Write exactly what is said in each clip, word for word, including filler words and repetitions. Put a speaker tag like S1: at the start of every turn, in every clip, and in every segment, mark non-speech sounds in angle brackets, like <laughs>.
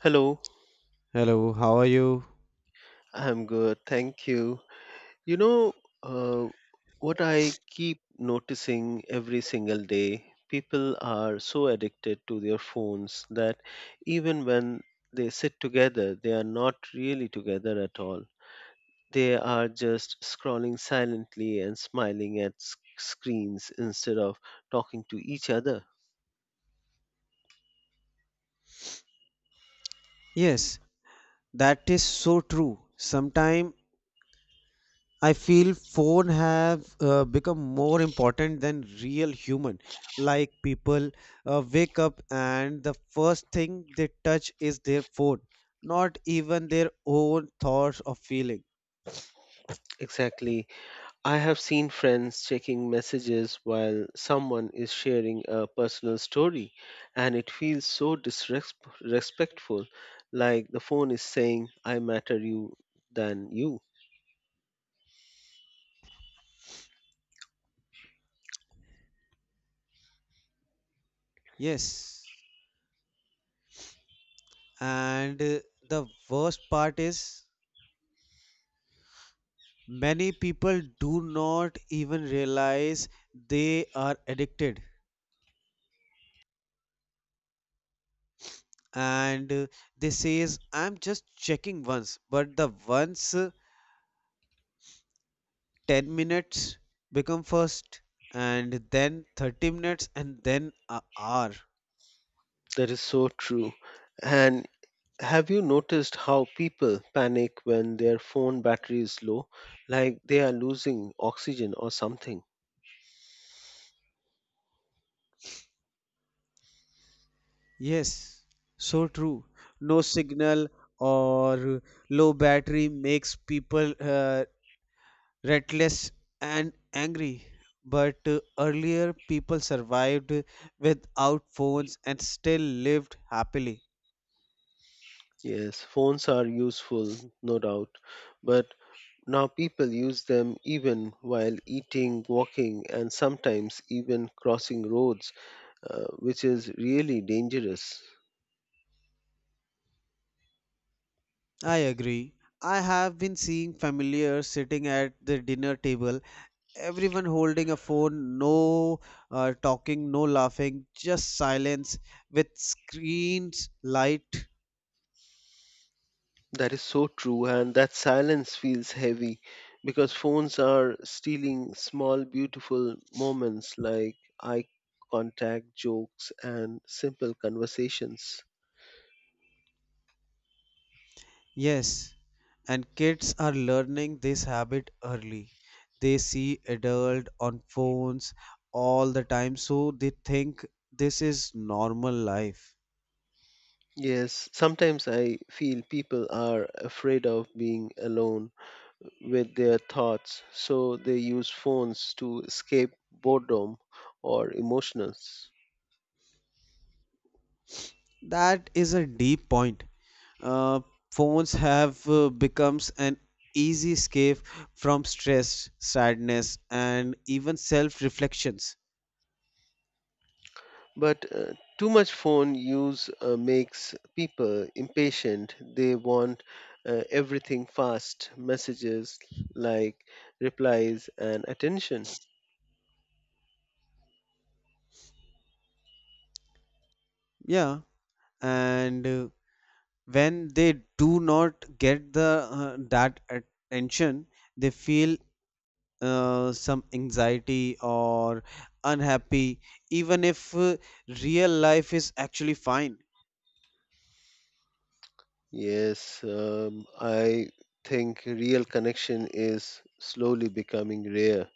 S1: Hello,
S2: Hello, how are you?
S1: I'm good, thank you. You know, uh, what I keep noticing every single day, people are so addicted to their phones that even when they sit together, they are not really together at all. They are just scrolling silently and smiling at s- screens instead of talking to each other.
S2: Yes, that is so true. Sometimes I feel phone have uh, become more important than real human. Like people uh, wake up and the first thing they touch is their phone, not even their own thoughts or feeling.
S1: Exactly. I have seen friends checking messages while someone is sharing a personal story, and it feels so disrespectful, like the phone is saying, I matter you than you.
S2: Yes, and uh, the worst part is many people do not even realize they are addicted, and uh, they says I'm just checking once, but the once uh, ten minutes become first and then thirty minutes and then a hour.
S1: That is so true. And have you noticed how people panic when their phone battery is low, like they are losing oxygen or something?
S2: Yes, so true. No signal or low battery makes people uh, restless and angry, but uh, earlier people survived without phones and still lived happily.
S1: Yes, phones are useful, no doubt, but now people use them even while eating, walking, and sometimes even crossing roads, uh, which is really dangerous.
S2: I agree. I have been seeing familiars sitting at the dinner table, everyone holding a phone, no uh, talking, no laughing, just silence with screens, light.
S1: That is so true, and that silence feels heavy because phones are stealing small, beautiful moments like eye contact, jokes, and simple conversations.
S2: Yes, and kids are learning this habit early. They see adult on phones all the time, so they think this is normal life.
S1: Yes, sometimes I feel people are afraid of being alone with their thoughts, so they use phones to escape boredom or emotions.
S2: That is a deep point. uh, Phones have uh, becomes an easy escape from stress sadness and even self reflections.
S1: But uh, too much phone use uh, makes people impatient. They want uh, everything fast, messages like replies and attention.
S2: Yeah, and uh, when they do not get the uh, that attention, they feel uh, some anxiety or unhappy, even if uh, real life is actually fine.
S1: Yes, um, I think real connection is slowly becoming rare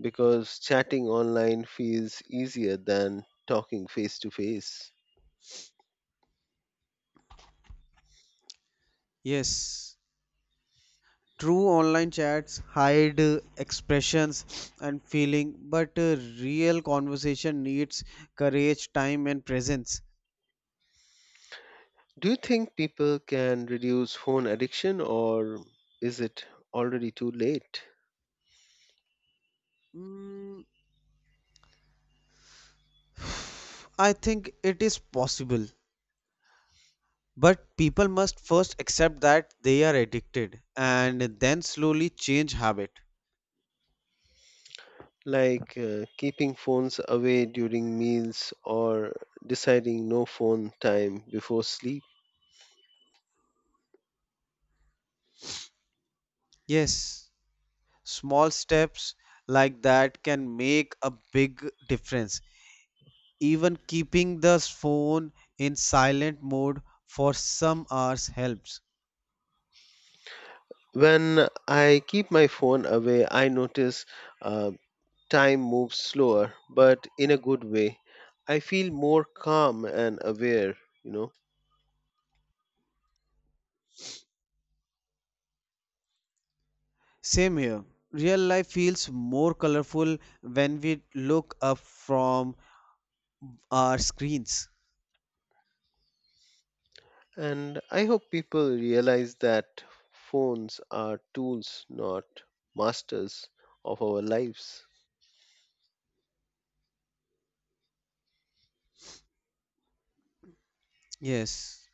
S1: because chatting online feels easier than talking face to face.
S2: Yes, true. Online chats hide uh, expressions and feeling, but uh, real conversation needs courage, time, and presence.
S1: Do you think people can reduce phone addiction or is it already too late?
S2: Mm, I think it is possible, but people must first accept that they are addicted and then slowly change habit.
S1: Like uh, keeping phones away during meals or deciding no phone time before sleep.
S2: Yes, small steps like that can make a big difference. Even keeping the phone in silent mode for some hours helps.
S1: When I keep my phone away, I notice uh, time moves slower, but in a good way. I feel more calm and aware, you know.
S2: Same here. Real life feels more colorful when we look up from our screens.
S1: And I hope people realize that phones are tools, not masters of our lives.
S2: Yes,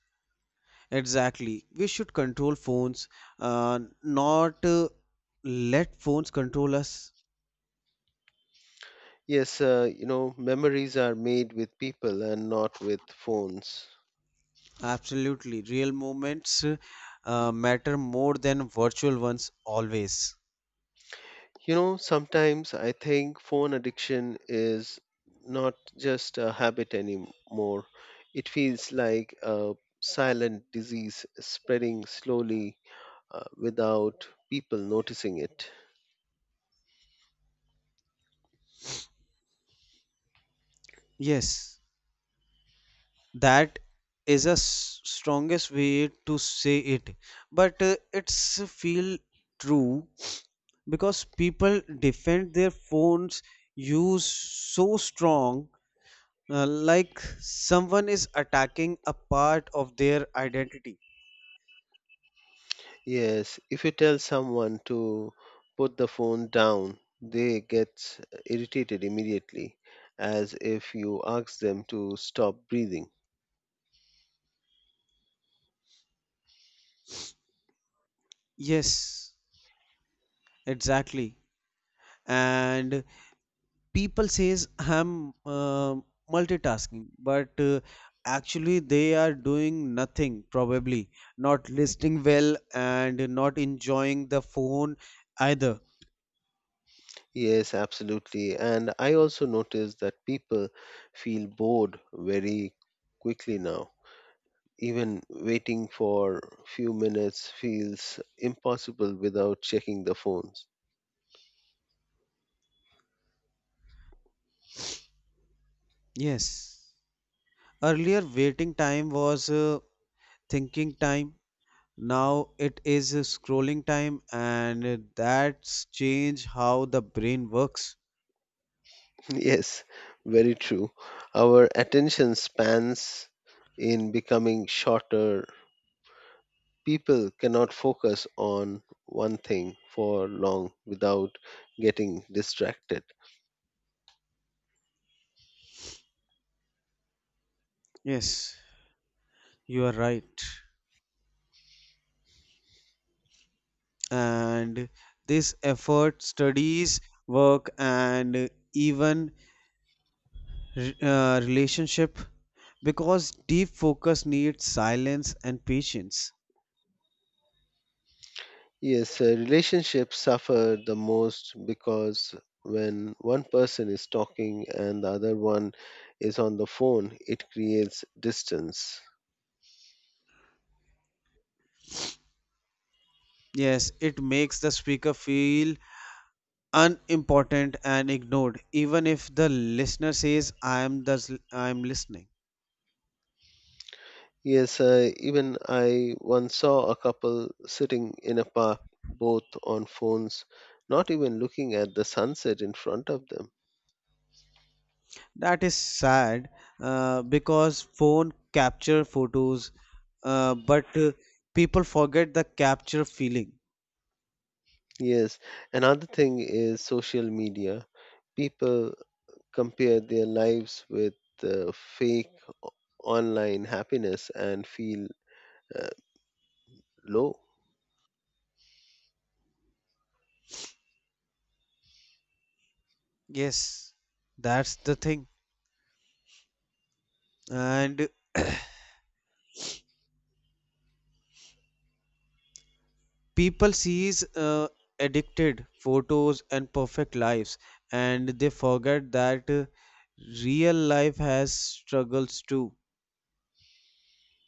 S2: exactly. We should control phones, uh, not uh, let phones control us.
S1: Yes, uh, you know, memories are made with people and not with phones.
S2: Absolutely. Real moments uh, matter more than virtual ones always.
S1: You know, sometimes I think phone addiction is not just a habit anymore. It feels like a silent disease spreading slowly uh, without people noticing it.
S2: Yes, that is a s- strongest way to say it, but uh, it's feel true, because people defend their phones use so strong, uh, like someone is attacking a part of their identity.
S1: Yes, if you tell someone to put the phone down, they get irritated immediately, as if you ask them to stop breathing.
S2: Yes, exactly. And people says I'm uh, multitasking, but uh, actually they are doing nothing, probably not listening well and not enjoying the phone either.
S1: Yes, absolutely. And I also notice that people feel bored very quickly now. Even waiting for few minutes feels impossible without checking the phones.
S2: Yes, earlier waiting time was uh, thinking time. Now it is scrolling time, and that's change how the brain works.
S1: <laughs> Yes, very true. Our attention spans in becoming shorter. People cannot focus on one thing for long without getting distracted.
S2: Yes, you are right. And this effort studies work and even uh, relationship, because deep focus needs silence and patience.
S1: Yes, uh, relationships suffer the most because when one person is talking and the other one is on the phone, it creates distance.
S2: Yes, it makes the speaker feel unimportant and ignored, even if the listener says i am the I am listening.
S1: Yes, uh, even I once saw a couple sitting in a park, both on phones, not even looking at the sunset in front of them.
S2: That is sad, uh, because phone capture photos, uh, but uh, people forget the capture feeling.
S1: Yes, another thing is social media. People compare their lives with uh, fake online happiness and feel uh, low.
S2: Yes, that's the thing. And people sees uh, addicted photos and perfect lives, and they forget that uh, real life has struggles too.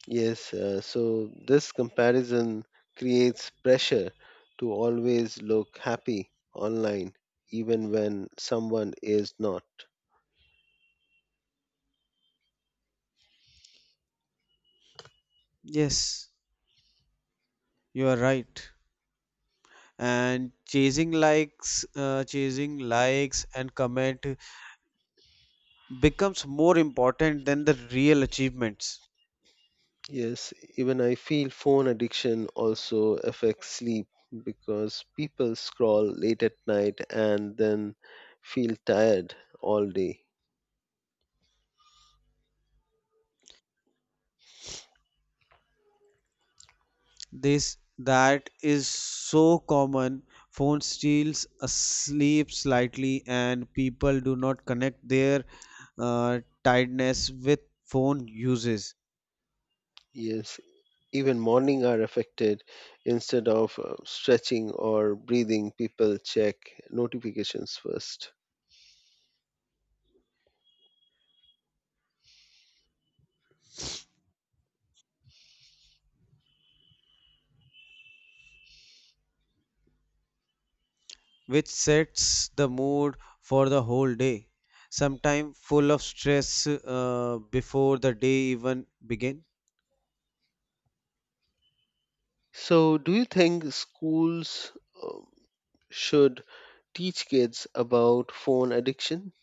S1: Yes, uh, so this comparison creates pressure to always look happy online, even when someone is not.
S2: Yes, you are right. And chasing likes, uh, chasing likes and comment becomes more important than the real achievements.
S1: Yes, even I feel phone addiction also affects sleep because people scroll late at night and then feel tired all day.
S2: This That is so common. Phone steals a sleep slightly, and people do not connect their uh, tiredness with phone uses,
S1: Yes, even morning are affected. Instead of uh, stretching or breathing, people check notifications first.
S2: which sets the mood for the whole day. Sometimes full of stress uh, before the day even begin.
S1: So, do you think schools um, should teach kids about phone addiction?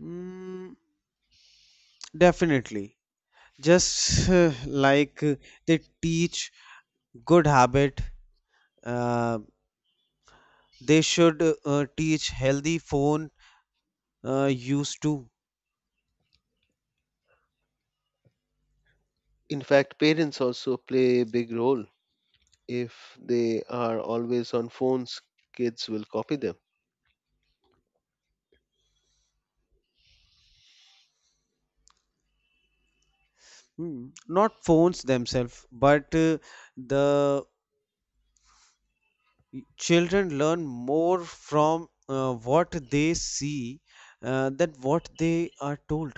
S2: Mm, definitely, just uh, like uh, they teach good habit. Uh, they should uh, teach healthy phone uh, use too.
S1: In fact, parents also play a big role. If they are always on phones, kids will copy them.
S2: Hmm. Not phones themselves, but uh, the children learn more from uh, what they see, uh, than what they are told.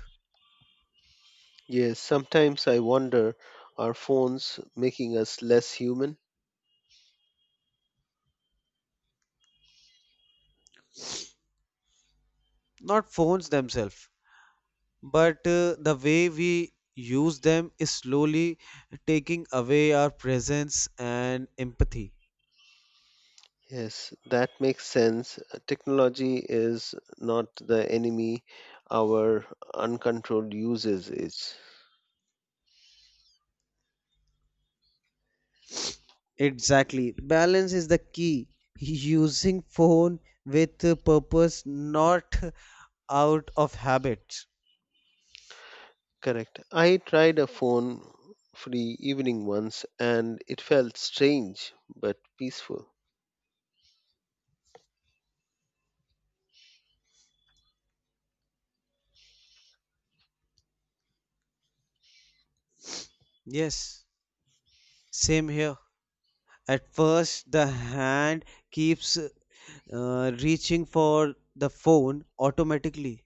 S1: Yes, sometimes I wonder are phones making us less human?
S2: Not phones themselves, but uh, the way we use them is slowly taking away our presence and empathy.
S1: Yes, that makes sense. Uh, Technology is not the enemy, our uncontrolled uses is.
S2: Exactly. Balance is the key. <laughs> Using phone with a purpose, not <laughs> out of habit.
S1: Correct. I tried a phone free evening once and it felt strange but peaceful.
S2: Yes, same here. At first, the hand keeps uh, reaching for the phone automatically.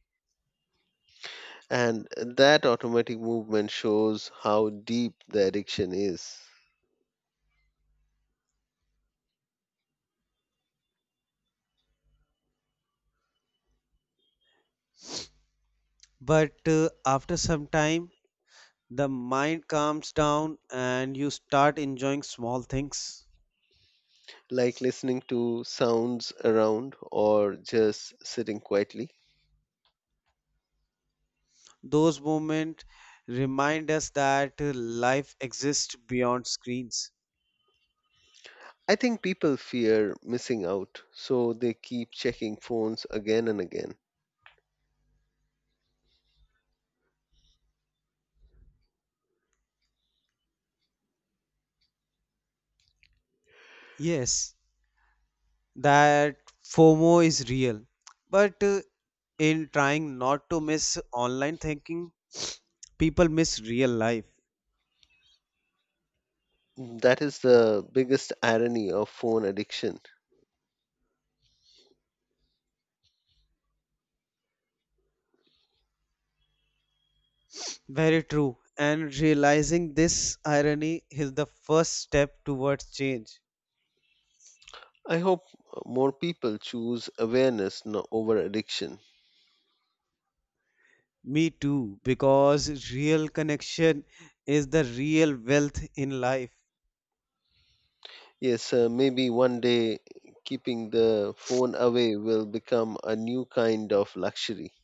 S1: And that automatic movement shows how deep the addiction is.
S2: But uh, after some time, the mind calms down and you start enjoying small things.
S1: Like listening to sounds around or just sitting quietly.
S2: Those moments remind us that uh, life exists beyond screens.
S1: I think people fear missing out, so they keep checking phones again and again.
S2: Yes, that FOMO is real. But uh, in trying not to miss online thinking, people miss real life.
S1: That is the biggest irony of phone addiction.
S2: Very true. And realizing this irony is the first step towards change.
S1: I hope more people choose awareness no- over addiction.
S2: Me too, because real connection is the real wealth in life.
S1: Yes, uh, maybe one day keeping the phone away will become a new kind of luxury.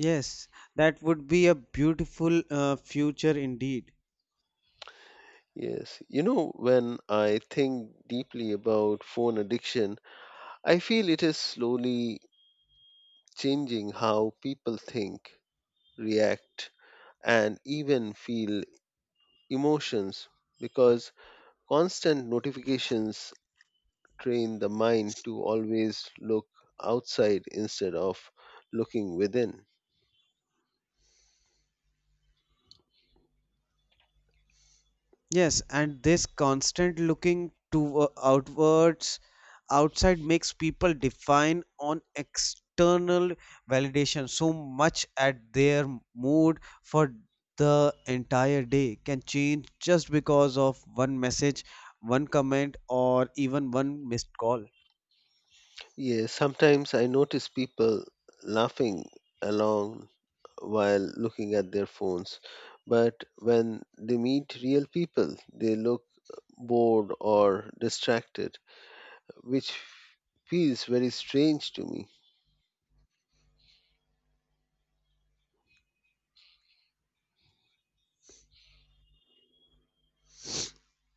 S2: Yes, that would be a beautiful uh, future indeed.
S1: Yes, you know, when I think deeply about phone addiction, I feel it is slowly changing how people think, react, and even feel emotions because constant notifications train the mind to always look outside instead of looking within.
S2: Yes, and this constant looking to uh, outwards outside makes people define on external validation so much at their mood for the entire day can change just because of one message, one comment or even one missed call.
S1: Yes, sometimes I notice people laughing along while looking at their phones, but when they meet real people, they look bored or distracted which feels very strange to me.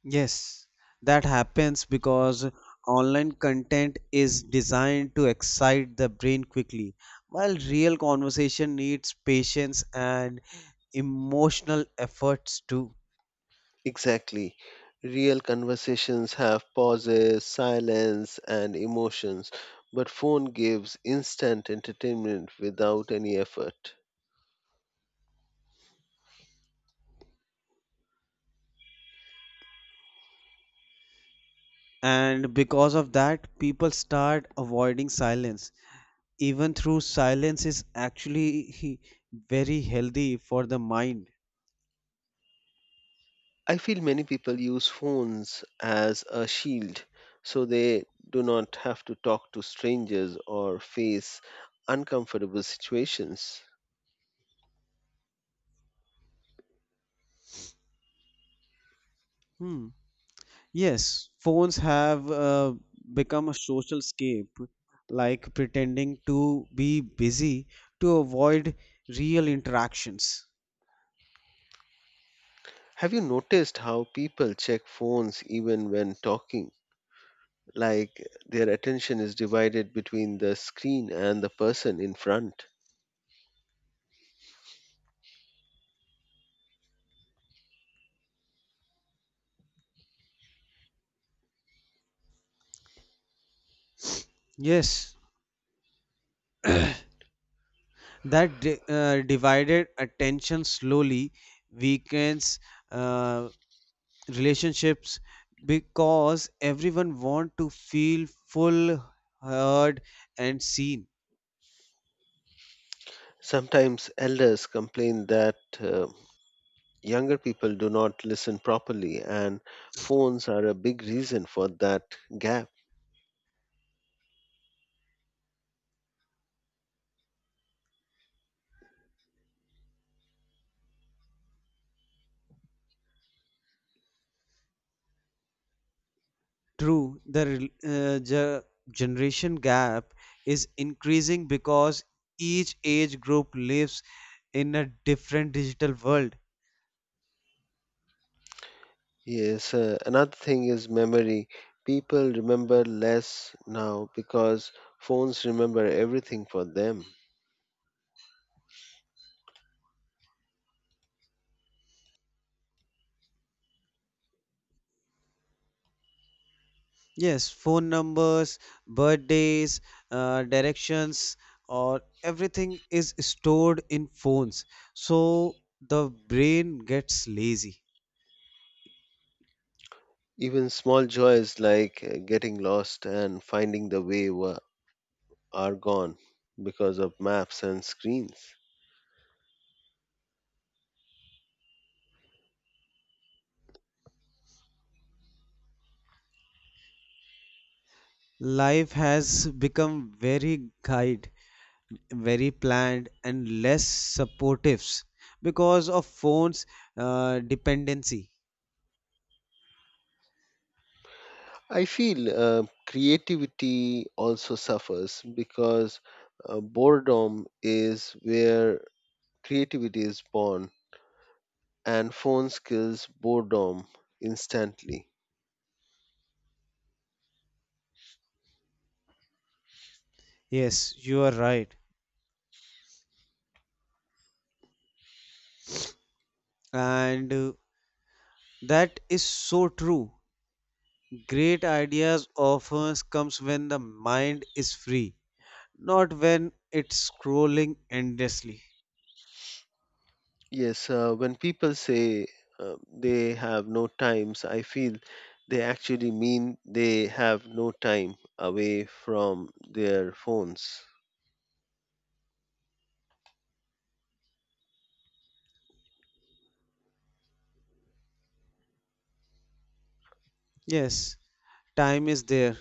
S2: Yes, that happens because online content is designed to excite the brain quickly, while real conversation needs patience and emotional efforts too.
S1: Exactly. Real conversations have pauses, silence, and emotions, but phone gives instant entertainment without any effort.
S2: And because of that, people start avoiding silence. Even though silence is actually <laughs> very healthy for the mind.
S1: I feel many people use phones as a shield so they do not have to talk to strangers or face uncomfortable situations.
S2: Hmm. Yes, phones have uh, become a social escape, like pretending to be busy to avoid real interactions.
S1: Have you noticed how people check phones even when talking? Like their attention is divided between the screen and the person in front.
S2: Yes, that di- uh, divided attention slowly weakens uh, relationships, because everyone want to feel full, heard, and seen.
S1: Sometimes elders complain that uh, younger people do not listen properly, and phones are a big reason for that gap.
S2: True, the rel- uh, ge- generation gap is increasing because each age group lives in a different digital world.
S1: Yes, uh, another thing is memory. People remember less now because phones remember everything for them.
S2: Yes, phone numbers, birthdays, uh, directions, or everything is stored in phones. So the brain gets lazy.
S1: Even small joys like uh, getting lost and finding the way were, are gone because of maps and screens.
S2: Life has become very guide very planned and less supportives because of phones uh, dependency.
S1: I feel uh, creativity also suffers because uh, boredom is where creativity is born, and phones kills boredom instantly.
S2: Yes, you are right. And uh, that is so true. Great ideas often comes when the mind is free, not when it's scrolling endlessly.
S1: Yes, uh, when people say uh, they have no times, I feel they actually mean they have no time away from their phones.
S2: Yes, time is there,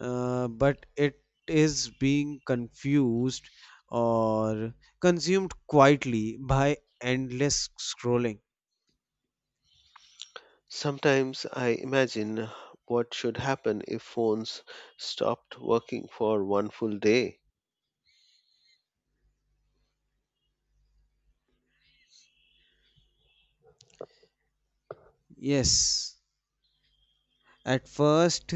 S2: uh, but it is being confused or consumed quietly by endless scrolling.
S1: Sometimes I imagine what should happen if phones stopped working for one full day.
S2: Yes, at first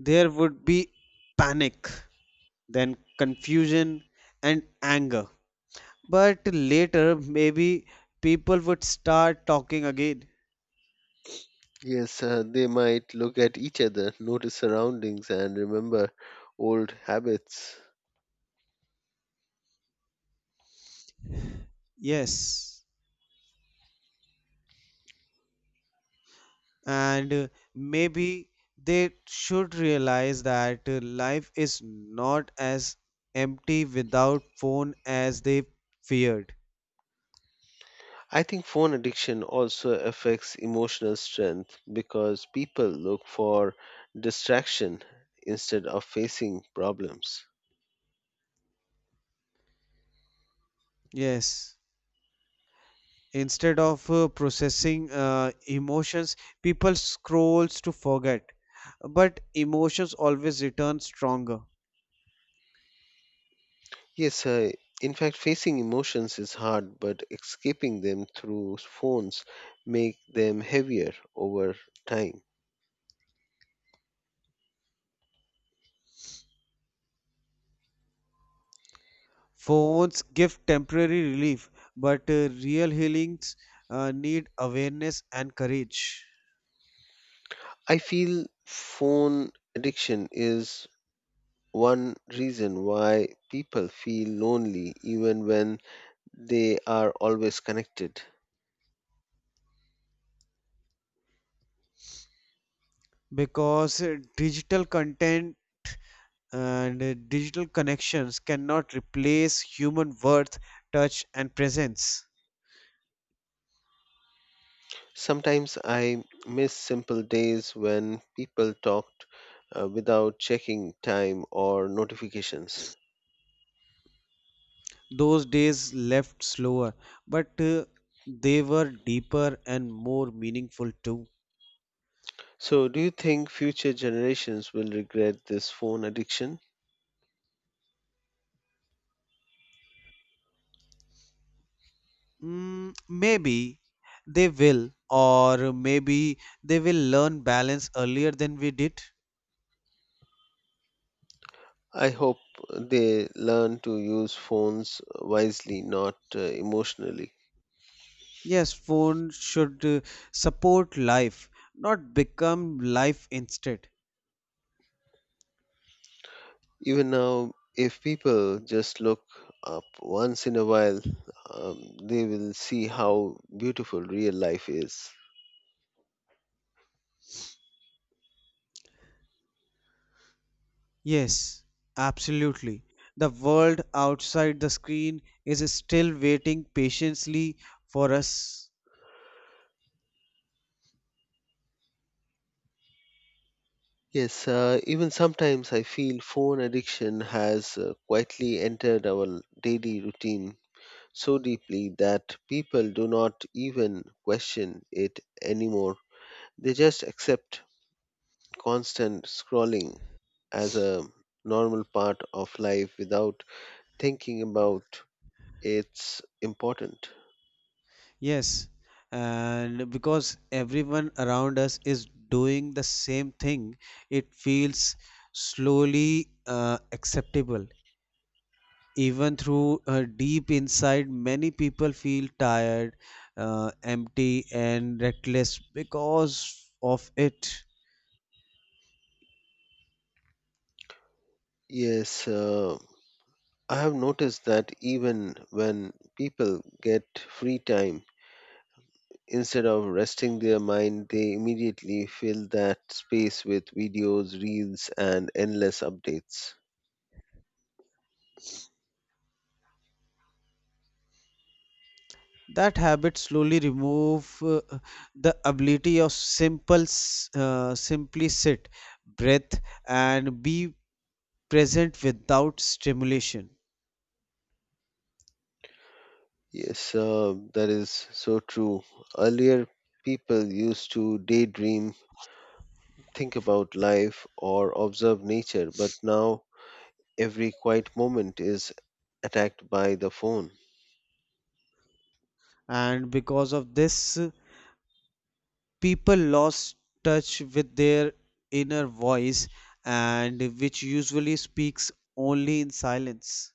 S2: there would be panic, then confusion and anger. But later, maybe people would start talking again.
S1: Yes, uh, they might look at each other, notice surroundings, and remember old habits.
S2: Yes, and uh, maybe they should realize that uh, life is not as empty without phone as they feared.
S1: I think phone addiction also affects emotional strength because people look for distraction instead of facing problems.
S2: Yes. Instead of uh, processing uh, emotions, people scrolls to forget, but emotions always return stronger.
S1: Yes, uh, in fact, facing emotions is hard, but escaping them through phones make them heavier over time.
S2: Phones give temporary relief, but uh, real healings uh, need awareness and courage.
S1: I feel phone addiction is one reason why people feel lonely even when they are always connected.
S2: Because uh, digital content and uh, digital connections cannot replace human worth touch and presence.
S1: Sometimes I miss simple days when people talked uh, without checking time or notifications.
S2: Those days left slower, but uh, they were deeper and more meaningful too.
S1: So, do you think future generations will regret this phone addiction?
S2: Mm, maybe they will, or maybe they will learn balance earlier than we did.
S1: I hope they learn to use phones wisely, not uh, emotionally.
S2: Yes, phone should uh, support life, not become life instead.
S1: Even now, if people just look up once in a while, um, they will see how beautiful real life is.
S2: Yes, absolutely. The world outside the screen is still waiting patiently for us.
S1: Yes, uh, even sometimes I feel phone addiction has uh, quietly entered our daily routine so deeply that people do not even question it anymore. They just accept constant scrolling as a normal part of life without thinking about its importance.
S2: Yes, and because everyone around us is doing the same thing, it feels slowly uh, acceptable. Even through uh, deep inside, many people feel tired, uh, empty, and reckless because of it.
S1: Yes, uh, I have noticed that even when people get free time, instead of resting their mind, they immediately fill that space with videos, reels, and endless updates.
S2: That habit slowly remove uh, the ability of simple, s- uh, simply sit, breath, and be present without stimulation.
S1: Yes, uh, that is so true. Earlier, people used to daydream, think about life, or observe nature, but now every quiet moment is attacked by the phone.
S2: And because of this, people lost touch with their inner voice, and which usually speaks only in silence.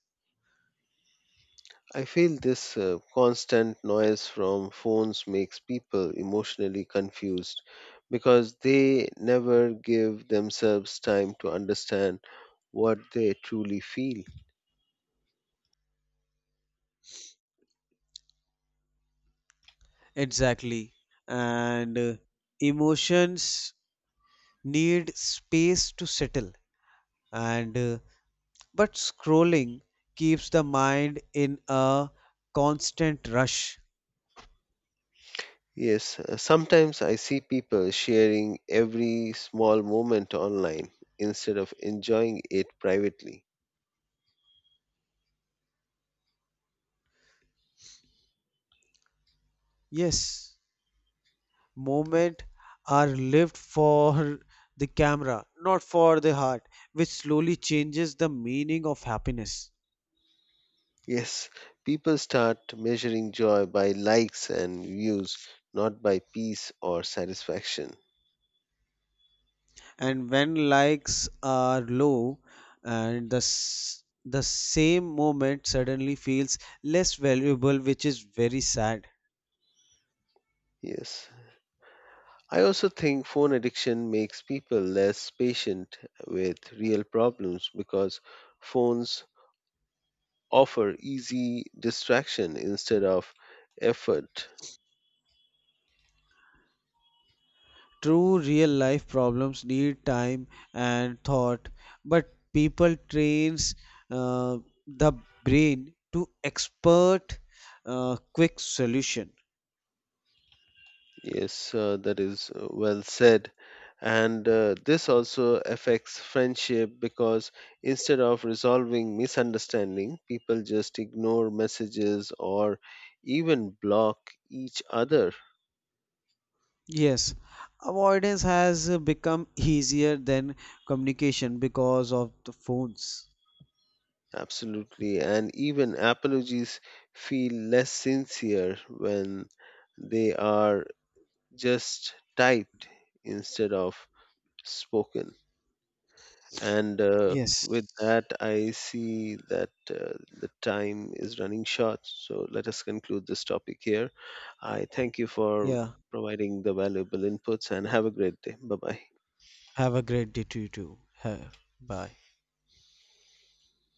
S1: I feel this uh, constant noise from phones makes people emotionally confused because they never give themselves time to understand what they truly feel.
S2: Exactly. And uh, emotions need space to settle, and uh, but scrolling keeps the mind in a constant rush.
S1: Yes, uh, sometimes I see people sharing every small moment online instead of enjoying it privately.
S2: Yes, moment are lived for the camera, not for the heart, which slowly changes the meaning of happiness.
S1: Yes, people start measuring joy by likes and views, not by peace or satisfaction.
S2: And when likes are low, and the s- the same moment suddenly feels less valuable, which is very sad.
S1: Yes, I also think phone addiction makes people less patient with real problems because phones offer easy distraction instead of effort.
S2: True, real life problems need time and thought, but people trains uh, the brain to expert uh, quick solution.
S1: Yes, uh, that is uh, well said. And uh, this also affects friendship because instead of resolving misunderstanding, people just ignore messages or even block each other.
S2: Yes, avoidance has uh, become easier than communication because of the phones.
S1: Absolutely. And even apologies feel less sincere when they are just typed instead of spoken. And uh,
S2: Yes.
S1: with that, I see that uh, the time is running short. So let us conclude this topic here. I thank you for
S2: Yeah.
S1: providing the valuable inputs and have a great day. Bye bye.
S2: Have a great day to you too. Ha- Bye.